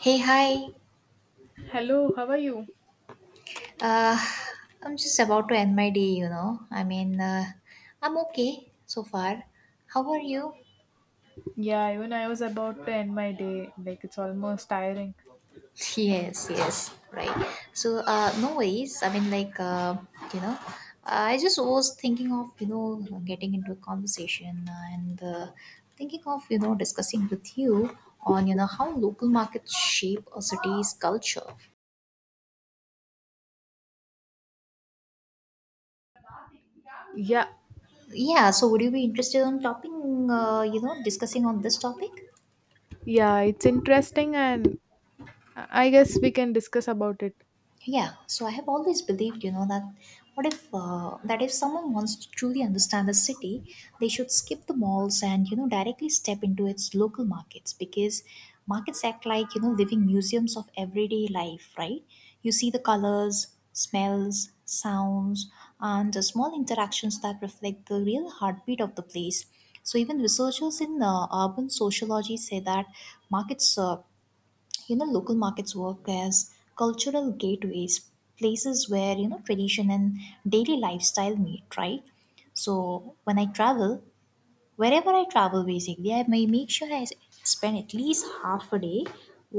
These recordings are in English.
Hey, hi. Hello, how are you? Uh, I'm just about to end my day, you know. I'm okay so far. How are you? Yeah, even I was about to end my day. Like, it's almost tiring. Yes, yes, right. No worries. You know, I just was thinking of, getting into a conversation and thinking of, discussing with you on, how local markets shape a city's culture. Yeah, Yeah, so would you be interested on topping, discussing on this topic? yeah, it's interesting, and I guess we can discuss about it. Yeah, so I have always believed, you know, that what if that if someone wants to truly understand the city, they should skip the malls and, you know, directly step into its local markets, because markets act like, you know, living museums of everyday life, right? You see the colors, smells, sounds, and the small interactions that reflect the real heartbeat of the place. So even researchers in urban sociology say that markets, local markets work as cultural gateways, places where, you know, tradition and daily lifestyle meet, right? So when I travel, wherever I travel, basically, I may make sure I spend at least half a day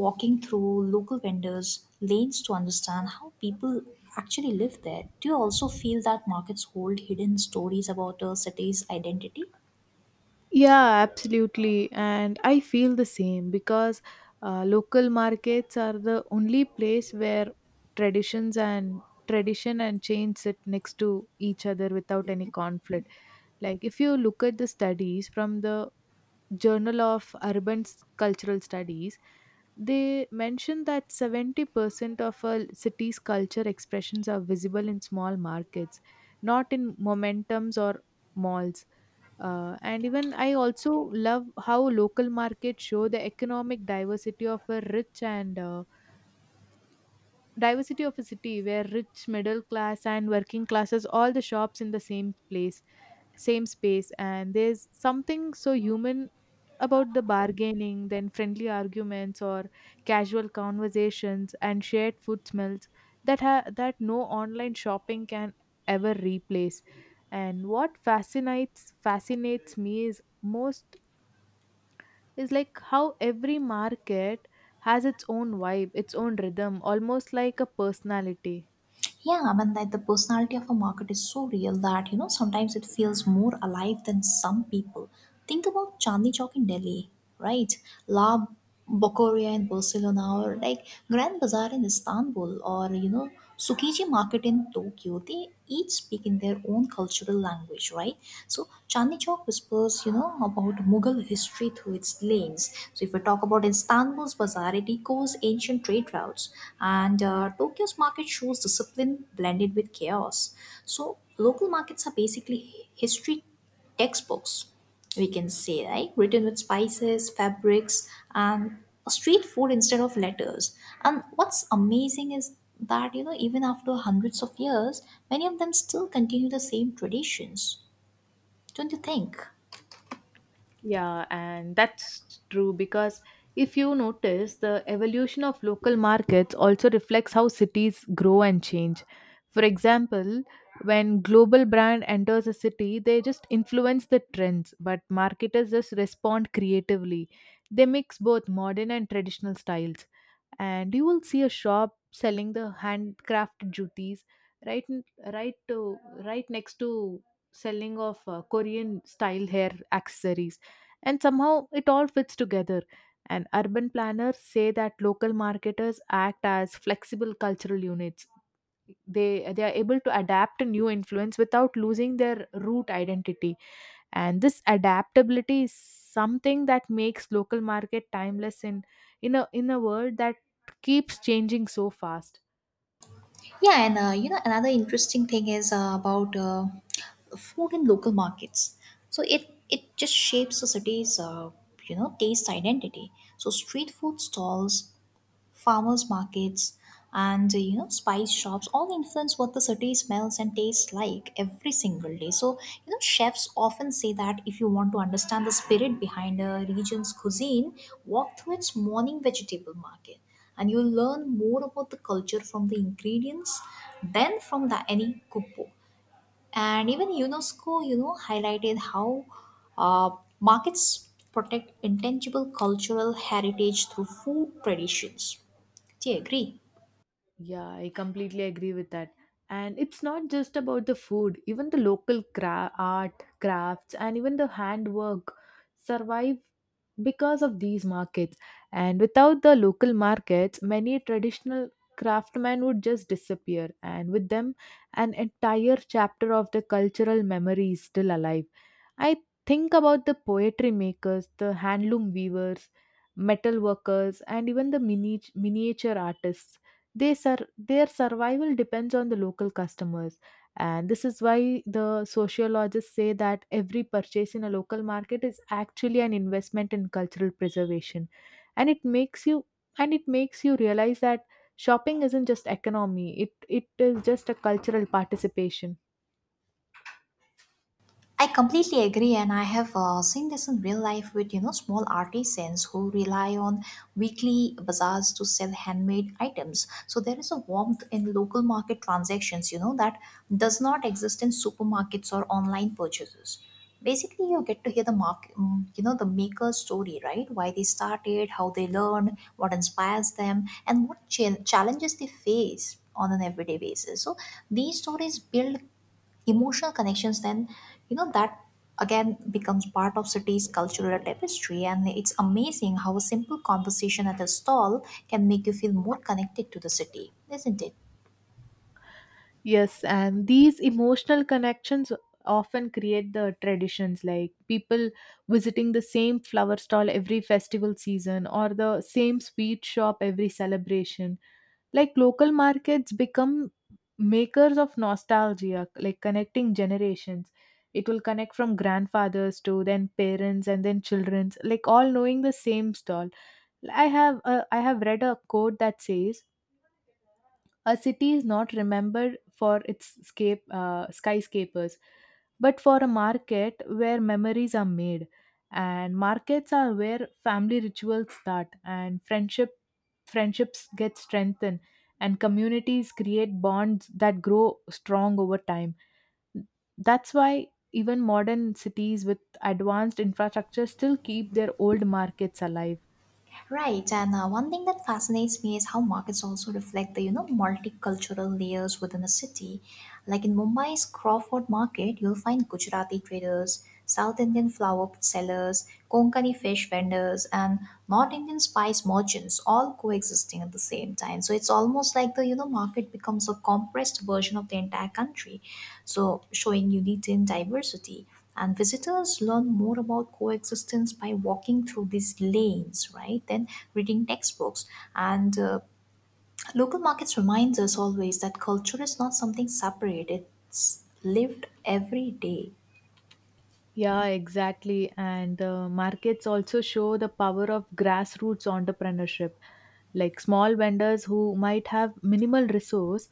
walking through local vendors' lanes to understand how people actually live there. Do you also feel that markets hold hidden stories about a city's identity? Yeah, absolutely. And I feel the same because local markets are the only place where traditions and tradition and change sit next to each other without any conflict. Like if you look at the studies from the Journal of Urban Cultural Studies, they mentioned that 70% of a city's culture expressions are visible in small markets, not in momentums or malls. And even I also love how local markets show the economic diversity of a city where rich, middle class, and working classes all the shops in the same space, and there's something so human about the bargaining, then friendly arguments or casual conversations and shared food smells that no online shopping can ever replace. And what fascinates me is like how every market has its own vibe, its own rhythm, almost like a personality. Yeah, I mean, that the personality of a market is so real that, you know, sometimes it feels more alive than some people. Think about Chandni Chowk in Delhi, right? La Bocoria in Barcelona, or like Grand Bazaar in Istanbul, or, you know, Tsukiji Market in Tokyo. They each speak in their own cultural language, right? So Chandni Chowk whispers, you know, about Mughal history through its lanes. So if we talk about Istanbul's bazaar, it echoes ancient trade routes, and Tokyo's market shows discipline blended with chaos. So local markets are basically history textbooks, we can say, right? Written with spices, fabrics, and street food instead of letters. And what's amazing is that, you know, even after hundreds of years, many of them still continue the same traditions, don't you think? Yeah, and that's true because if you notice, the evolution of local markets also reflects how cities grow and change. For example, when global brand enters a city, they just influence the trends, but marketers just respond creatively. They mix both modern and traditional styles. And you will see a shop selling the handcrafted jutis right n- right to right next to selling of Korean style hair accessories, and somehow it all fits together. And urban planners say that local marketers act as flexible cultural units. They they are able to adapt to new influence without losing their root identity, and this adaptability is something that makes local market timeless in a world that keeps changing so fast. Yeah, and another interesting thing is about food in local markets. So it just shapes the city's taste identity. So street food stalls, farmers markets, and, you know, spice shops all influence what the city smells and tastes like every single day. So, you know, chefs often say that if you want to understand the spirit behind a region's cuisine, walk through its morning vegetable market, and you'll learn more about the culture from the ingredients than from the any cookbook. And even UNESCO, you know, highlighted how uh, markets protect intangible cultural heritage through food traditions. Do you agree? Yeah, I completely agree with that. And it's not just about the food, even the local art, crafts, and even the handwork survive because of these markets. And without the local markets, many traditional craftsmen would just disappear, and with them an entire chapter of the cultural memory is still alive. I think about the poetry makers, the handloom weavers, metal workers, and even the miniature artists. They their survival depends on the local customers, and this is why the sociologists say that every purchase in a local market is actually an investment in cultural preservation. And it makes you and it makes you realize that shopping isn't just economy, it is just a cultural participation. I completely agree, and I have seen this in real life with, you know, small artisans who rely on weekly bazaars to sell handmade items. So there is a warmth in local market transactions, you know, that does not exist in supermarkets or online purchases. Basically, you get to hear the mark, mm, you know, the maker's story, right? Why they started, how they learned, what inspires them, and what challenges they face on an everyday basis. So these stories build emotional connections, then, you know, that again becomes part of city's cultural tapestry. And it's amazing how a simple conversation at a stall can make you feel more connected to the city, isn't it? Yes, and these emotional connections often create the traditions, like people visiting the same flower stall every festival season or the same sweet shop every celebration. Like local markets become makers of nostalgia, like connecting generations. It will connect from grandfathers to then parents and then children's, like all knowing the same stall. I have read a quote that says a city is not remembered for its skyscrapers, but for a market where memories are made. And markets are where family rituals start, and friendships get strengthened, and communities create bonds that grow strong over time. That's why even modern cities with advanced infrastructure still keep their old markets alive. Right, and one thing that fascinates me is how markets also reflect the, you know, multicultural layers within a city. Like in Mumbai's Crawford Market, you'll find Gujarati traders, South Indian flower sellers, Konkani fish vendors, and North Indian spice merchants, all coexisting at the same time. So it's almost like the, you know, market becomes a compressed version of the entire country, so showing unity and diversity, and visitors learn more about coexistence by walking through these lanes right then reading textbooks. And local markets reminds us always that culture is not something separate, it's lived every day. Yeah, exactly. And markets also show the power of grassroots entrepreneurship. Like small vendors who might have minimal resource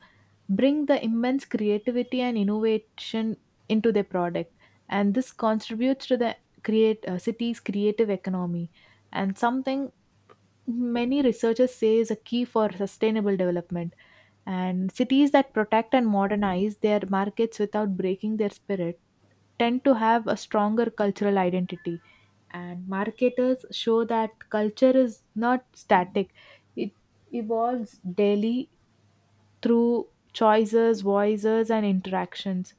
bring the immense creativity and innovation into their product. And this contributes to the create city's creative economy, and something many researchers say is a key for sustainable development. And cities that protect and modernize their markets without breaking their spirit tend to have a stronger cultural identity, and marketers show that culture is not static, it evolves daily through choices, voices, and interactions.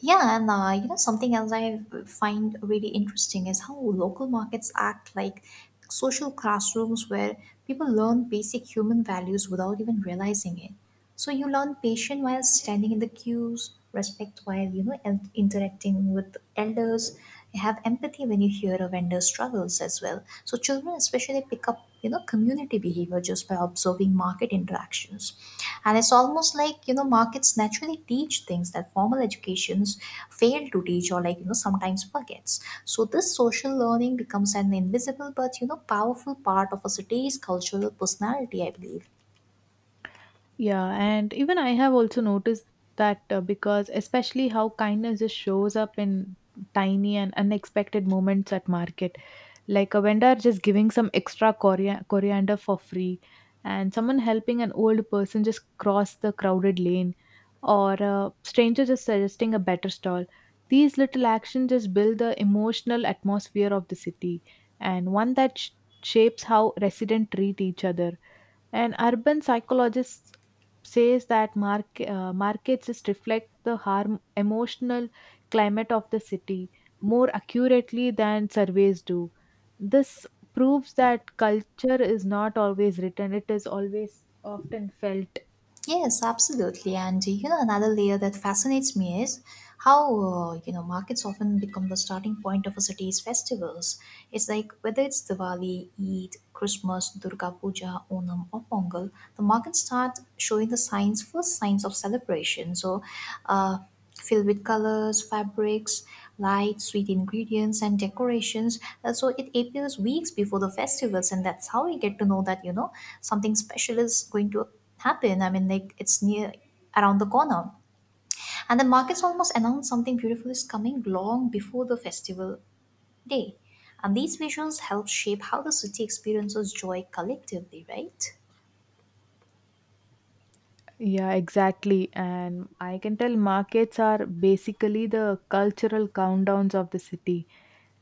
Yeah, and something else I find really interesting is how local markets act like social classrooms where people learn basic human values without even realizing it. So you learn patience while standing in the queues, respect while, you know, interacting with elders, you have empathy when you hear a vendor's struggles as well. So children especially pick up, you know, community behavior just by observing market interactions. And it's almost like, you know, markets naturally teach things that formal educations fail to teach, or, like, you know, sometimes forgets. So this social learning becomes an invisible but, you know, powerful part of a city's cultural personality, I believe. Yeah, and even I have also noticed that because especially how kindness just shows up in tiny and unexpected moments at market, like a vendor just giving some extra coriander for free, and someone helping an old person just cross the crowded lane, or a stranger just suggesting a better stall. These little actions just build the emotional atmosphere of the city, and one that shapes how residents treat each other. An urban psychologist says that markets just reflect the harm, emotional climate of the city more accurately than surveys do. This proves that culture is not always written, it is always often felt. Yes, absolutely. And, you know, another layer that fascinates me is how markets often become the starting point of a city's festivals. It's like whether it's Diwali, Eid, Christmas, Durga Puja, Onam, or Pongal, the markets start showing the signs, first signs of celebration. So, uh, filled with colors, fabrics, lights, sweet ingredients, and decorations. So it appears weeks before the festivals, and that's how we get to know that, you know, something special is going to happen. I mean, like it's near around the corner, and the markets almost announce something beautiful is coming long before the festival day. And these visuals help shape how the city experiences joy collectively, right? Yeah, exactly. And I can tell markets are basically the cultural countdowns of the city.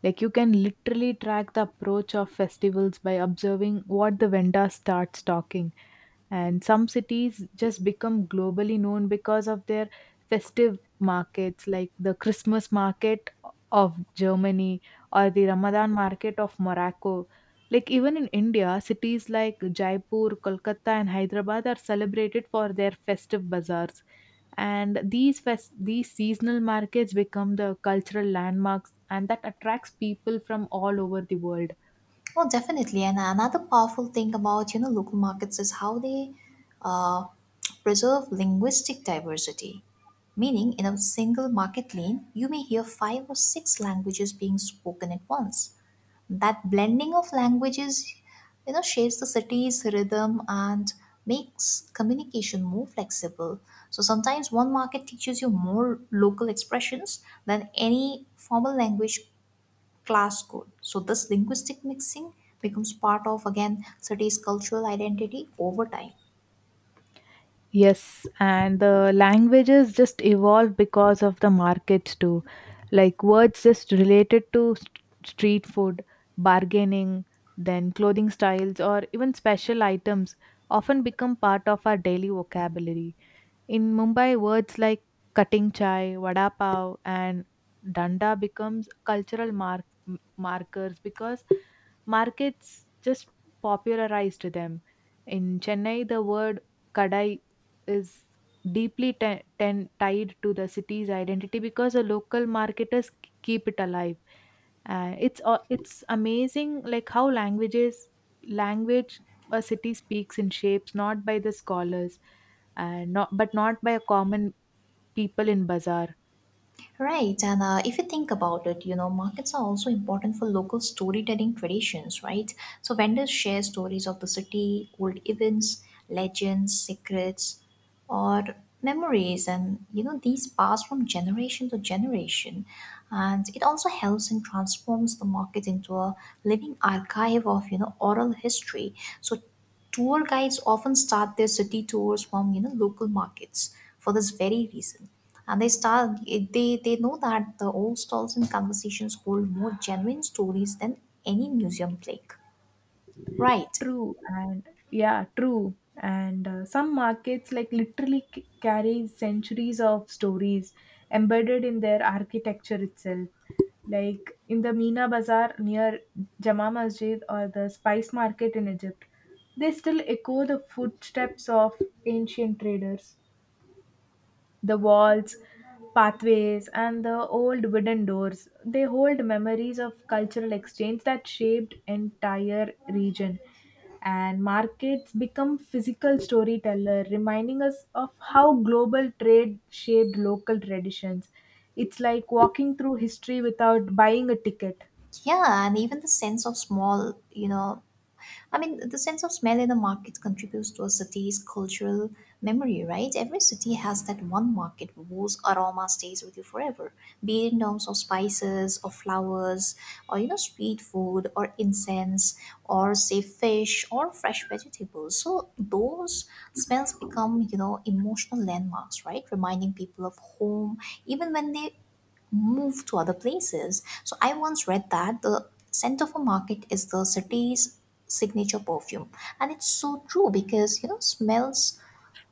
Like you can literally track the approach of festivals by observing what the vendor starts talking. And some cities just become globally known because of their festive markets, like the Christmas market of Germany or the Ramadan market of Morocco. Like even in India, cities like Jaipur, Kolkata, and Hyderabad are celebrated for their festive bazaars, and these seasonal markets become the cultural landmarks, and that attracts people from all over the world. Oh, definitely. And another powerful thing about, you know, local markets is how they uh, preserve linguistic diversity. Meaning, in a single market lane, you may hear five or six languages being spoken at once. That blending of languages, you know, shapes the city's rhythm and makes communication more flexible. So sometimes one market teaches you more local expressions than any formal language class could. So this linguistic mixing becomes part of again city's cultural identity over time. Yes, and the languages just evolve because of the markets too. Like words just related to street food, bargaining, then clothing styles, or even special items often become part of our daily vocabulary. In Mumbai, words like cutting chai, vada pav, and danda becomes cultural markers because markets just popularized them. In Chennai, the word kadai is deeply tied to the city's identity because the local marketers keep it alive. It's amazing like how language a city speaks in shapes not by the scholars and not but not by a common people in bazaar. Right, and if you think about it, you know, markets are also important for local storytelling traditions, right? So vendors share stories of the city, old events, legends, secrets, or memories, and, you know, these pass from generation to generation. And it also helps and transforms the market into a living archive of, you know, oral history. So tour guides often start their city tours from, you know, local markets for this very reason, and they know that the old stalls and conversations hold more genuine stories than any museum plaque, right? True, and yeah, true. And some markets like literally carry centuries of stories embedded in their architecture itself. Like in the Meena Bazaar near Jama Masjid or the spice market in Egypt, they still echo the footsteps of ancient traders. The walls, pathways, and the old wooden doors, they hold memories of cultural exchange that shaped entire region. And markets become physical storyteller, reminding us of how global trade shaped local traditions. It's like walking through history without buying a ticket. Yeah, and even the sense of small you know I mean, the sense of smell in the market contributes to a city's cultural memory, right? Every city has that one market whose aroma stays with you forever, be it in terms of spices or flowers or, you know, street food or incense or, say, fish or fresh vegetables. So those smells become, you know, emotional landmarks, right? Reminding people of home, even when they move to other places. So I once read that the scent of a market is the city's signature perfume, and it's so true because, you know, smells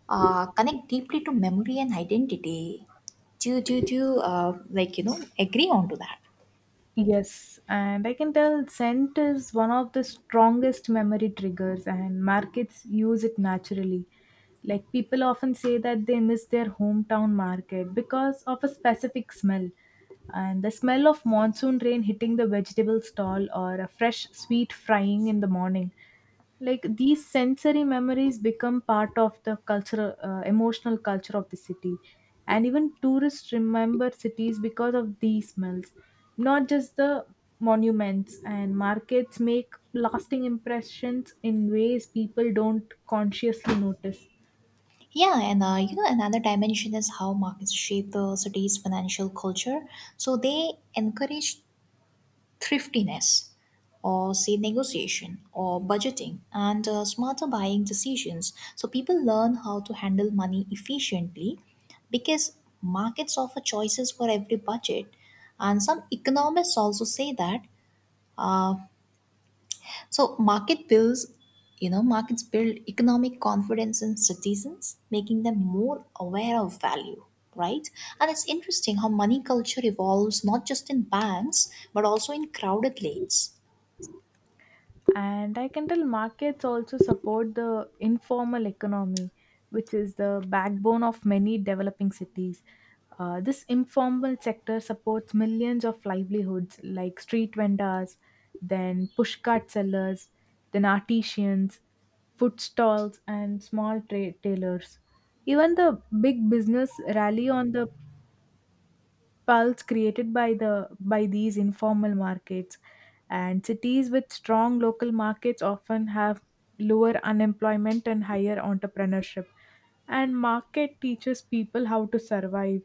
connect deeply to memory and identity. Do you, like, you know, agree on to that? Yes, and I can tell scent is one of the strongest memory triggers, and markets use it naturally. Like people often say that they miss their hometown market because of a specific smell. And the smell of monsoon rain hitting the vegetable stall or a fresh sweet frying in the morning, like these sensory memories become part of the cultural emotional culture of the city, and even tourists remember cities because of these smells, not just the monuments, and markets make lasting impressions in ways people don't consciously notice. Yeah, and another dimension is how markets shape the city's financial culture. So they encourage thriftiness, or say negotiation or budgeting and smarter buying decisions. So people learn how to handle money efficiently because markets offer choices for every budget. And some economists also say that uh, so market builds markets build economic confidence in citizens, making them more aware of value, right? And it's interesting how money culture evolves not just in banks but also in crowded lanes. And I can tell markets also support the informal economy, which is the backbone of many developing cities. This informal sector supports millions of livelihoods like street vendors, then pushcart sellers, then artisans, food stalls, and small trade tailors. Even the big business rally on the pulse created by these informal markets, and cities with strong local markets often have lower unemployment and higher entrepreneurship. And market teaches people how to survive,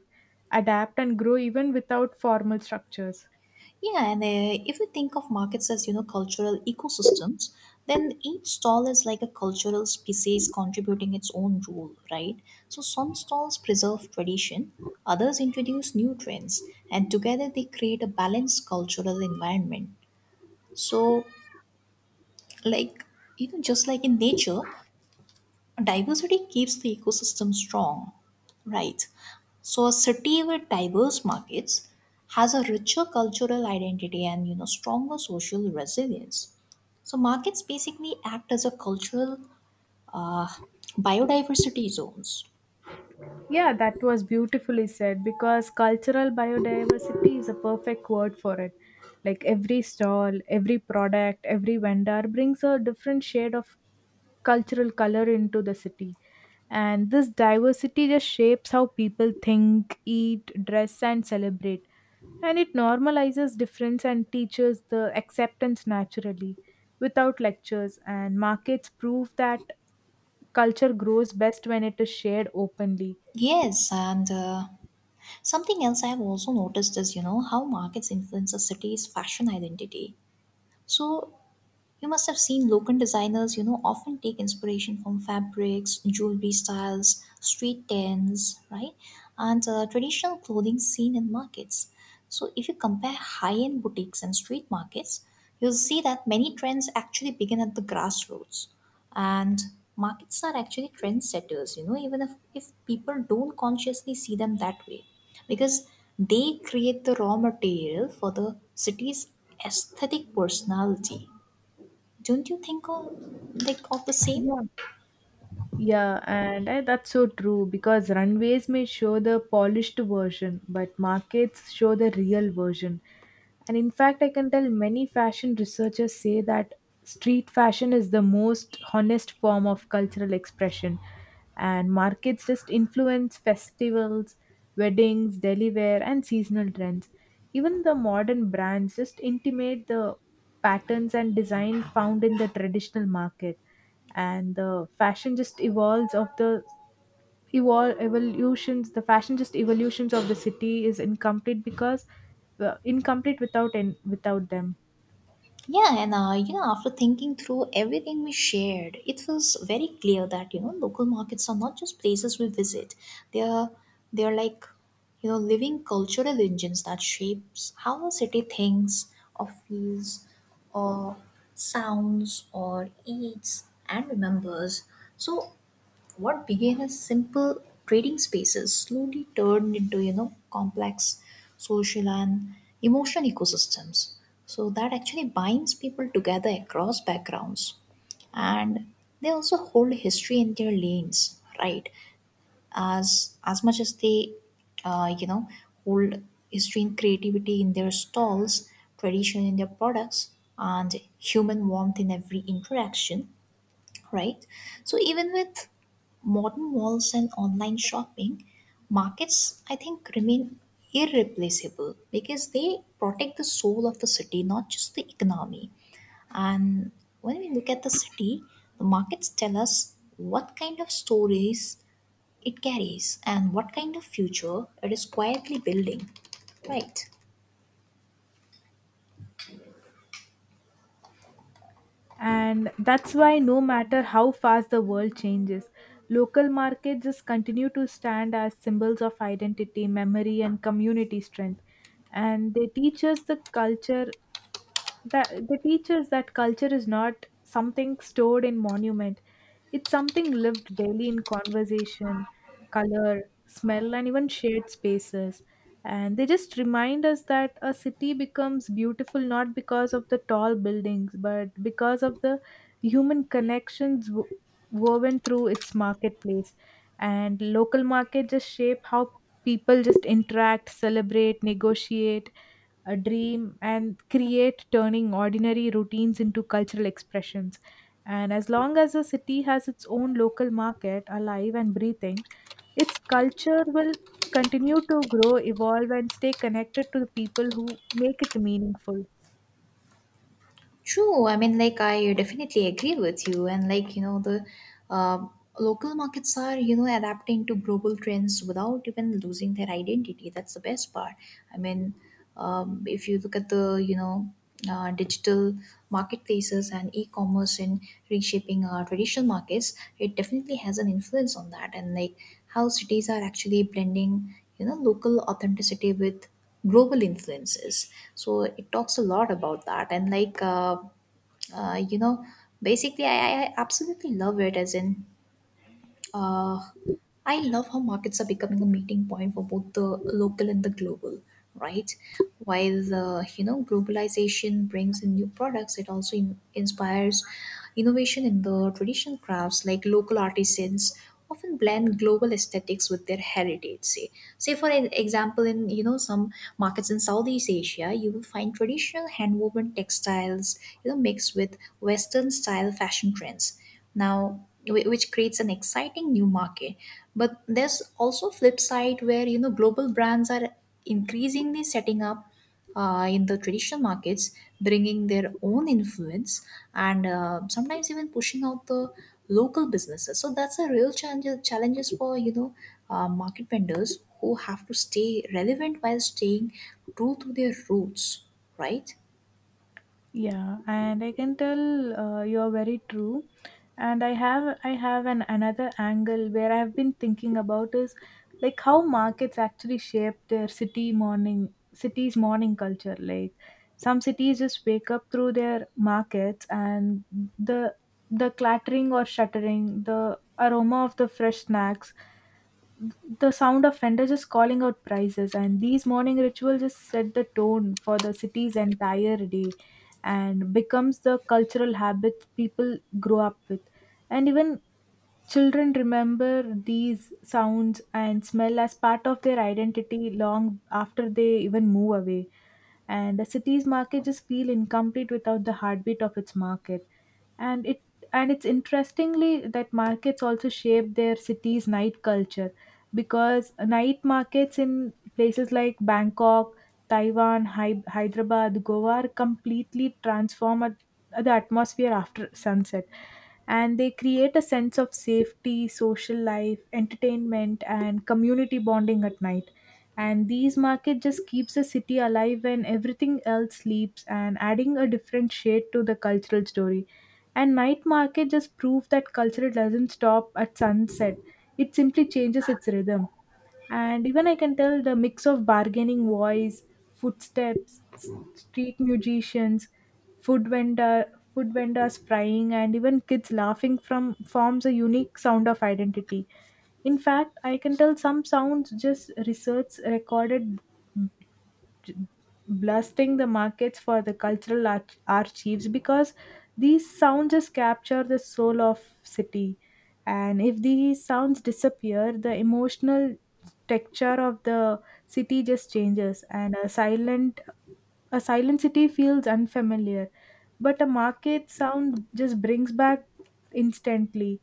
adapt, and grow even without formal structures. Yeah, and if we think of markets as, you know, cultural ecosystems, then each stall is like a cultural species contributing its own role, right? So some stalls preserve tradition, others introduce new trends, and together they create a balanced cultural environment. So, like, you know, just like in nature, diversity keeps the ecosystem strong, right? So a city with diverse markets has a richer cultural identity and, you know, stronger social resilience. So markets basically act as a cultural uh, biodiversity zones. Yeah, that was beautifully said because cultural biodiversity is a perfect word for it. Like every stall, every product, every vendor brings a different shade of cultural color into the city, and this diversity just shapes how people think, eat, dress, and celebrate. And it normalizes difference and teaches the acceptance naturally without lectures. And markets prove that culture grows best when it is shared openly. Yes, and something else I've also noticed is, you know, how markets influence a city's fashion identity. So you must have seen local designers, you know, often take inspiration from fabrics, jewelry styles, street tents, right? And traditional clothing seen in markets. So, if you compare high end boutiques and street markets, you'll see that many trends actually begin at the grassroots. And markets are actually trendsetters, you know, even if people don't consciously see them that way. Because they create the raw material for the city's aesthetic personality. Don't you think of like of the same Yeah. Yeah, and that's so true because runways may show the polished version, but markets show the real version. And in fact, I can tell many fashion researchers say that street fashion is the most honest form of cultural expression, and markets just influence festivals, weddings, daily wear, and seasonal trends. Even the modern brands just intimate the patterns and design found in the traditional market, and the fashion just evolves of the evolve evolutions the fashion just evolutions of the city is incomplete because incomplete without them. yeah and You know, after thinking through everything we shared, it was very clear that you know local markets are not just places we visit. They are they are like you know living cultural engines that shapes how a city thinks or feels or sounds or eats and remembers. So what began as simple trading spaces slowly turned into you know complex social and emotional ecosystems so that actually binds people together across backgrounds. And they also hold history in their lanes, right? As much as they you know hold history and creativity in their stalls, tradition in their products, and human warmth in every interaction, right? So even with modern malls and online shopping, markets I think remain irreplaceable because they protect the soul of the city, not just the economy. And when we look at the city, the markets tell us what kind of stories it carries and what kind of future it is quietly building, right? And that's why no matter how fast the world changes, local markets just continue to stand as symbols of identity, memory, and community strength. And they teach us the culture that the teaches that culture is not something stored in monument, it's something lived daily in conversation, color, smell, and even shared spaces. And they just remind us that a city becomes beautiful not because of the tall buildings but because of the human connections woven through its marketplace. And local market just shape how people just interact, celebrate, negotiate, a dream, and create, turning ordinary routines into cultural expressions. And as long as a city has its own local market alive and breathing, its culture will continue to grow, evolve, and stay connected to the people who make it meaningful. True. I mean, like, I definitely agree with you. And, like, you know, the uh, local markets are, you know, adapting to global trends without even losing their identity. That's the best part. I mean, if you look at the, you know, digital marketplaces and e-commerce and reshaping our traditional markets, it definitely has an influence on that. And, like, how cities are actually blending, you know, local authenticity with global influences, so it talks a lot about that. And like you know basically I absolutely love it, as in uh, I love how markets are becoming a meeting point for both the local and the global, right? While the you know globalization brings in new products, it also inspires innovation in the traditional crafts. Like local artisans often blend global aesthetics with their heritage. Say for an example, in you know some markets in Southeast Asia, you will find traditional handwoven textiles, you know, mixed with Western style fashion trends now which creates an exciting new market. But there's also flip side where you know global brands are increasingly setting up in the traditional markets, bringing their own influence and sometimes even pushing out the local businesses. So that's a real challenges for you know market vendors who have to stay relevant while staying true to their roots, right? Yeah, and I can tell you are very true. And I have an another angle where I have been thinking about is like how markets actually shape their city's morning culture. Like some cities just wake up through their markets, and the the clattering or shuttering, the aroma of the fresh snacks, the sound of vendors just calling out prices, and these morning rituals just set the tone for the city's entire day, and becomes the cultural habit people grow up with. And even children remember these sounds and smell as part of their identity long after they even move away, and the city's market just feel incomplete without the heartbeat of its market. And it and it's interestingly that markets also shape their city's night culture because night markets in places like Bangkok, Taiwan, Hyderabad, Goa are completely transform the atmosphere after sunset, and they create a sense of safety, social life, entertainment, and community bonding at night. And these market just keeps the city alive when everything else sleeps, and adding a different shade to the cultural story. And night market just proves that culture doesn't stop at sunset. It simply changes its rhythm. And even I can tell the mix of bargaining voice, footsteps, street musicians, food vendor, food vendors frying, and even kids laughing from forms a unique sound of identity. In fact, I can tell some sounds just research recorded j- blasting the markets for the cultural archives because these sounds just capture the soul of city. And if these sounds disappear, the emotional texture of the city just changes, and a silent city feels unfamiliar, but a market sound just brings back instantly.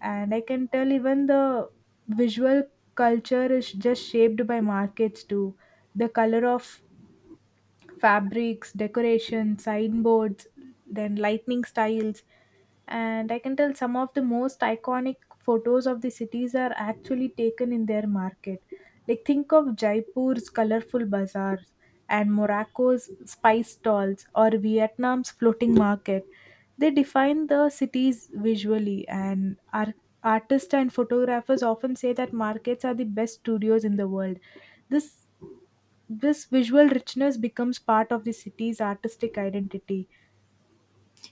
And I can tell even the visual culture is just shaped by markets too. The color of fabrics, decoration, signboards, then lightning styles. And I can tell some of the most iconic photos of the cities are actually taken in their market. Like think of Jaipur's colorful bazaars and Morocco's spice stalls or Vietnam's floating market. They define the cities visually, and are artists and photographers often say that markets are the best studios in the world. This this visual richness becomes part of the city's artistic identity.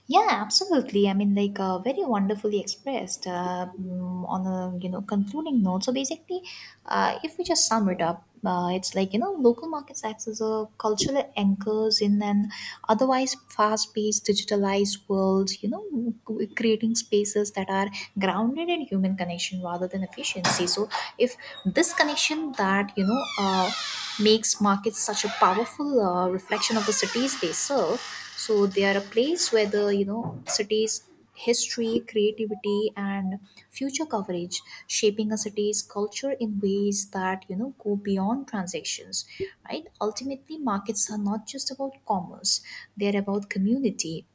Yeah, absolutely. I mean, like, very wonderfully expressed on a you know concluding note. So basically, if we just sum it up, it's like you know local markets acts as a cultural anchors in an otherwise fast-paced digitalized world, you know, creating spaces that are grounded in human connection rather than efficiency. So if this connection that you know makes markets such a powerful reflection of the cities they serve, so they are a place where the you know cities history, creativity, and future coverage, shaping a city's culture in ways that you know go beyond transactions. Right? Ultimately, markets are not just about commerce; they're about community.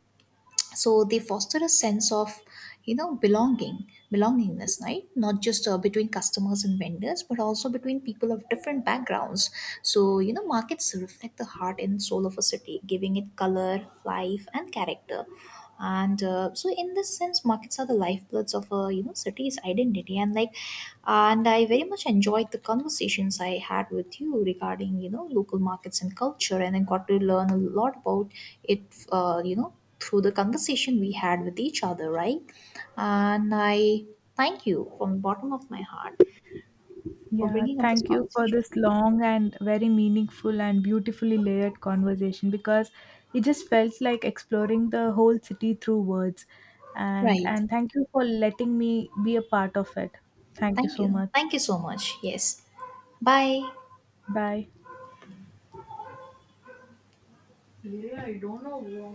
So they foster a sense of you know belongingness, right? Not just between customers and vendors, but also between people of different backgrounds. So you know, markets reflect the heart and soul of a city, giving it color, life, and character. And so in this sense markets are the lifebloods of a you know city's identity. And like and I very much enjoyed the conversations I had with you regarding you know local markets and culture, and I got to learn a lot about it, you know, through the conversation we had with each other, right? And I thank you from the bottom of my heart for Yeah, bringing up this thank you for conversation. this long and very meaningful and beautifully layered conversation because it just felt like exploring the whole city through words. And Right, and thank you for letting me be a part of it. Thank you thank so you, much. thank you so much. Yes, bye. Bye. Really, I don't know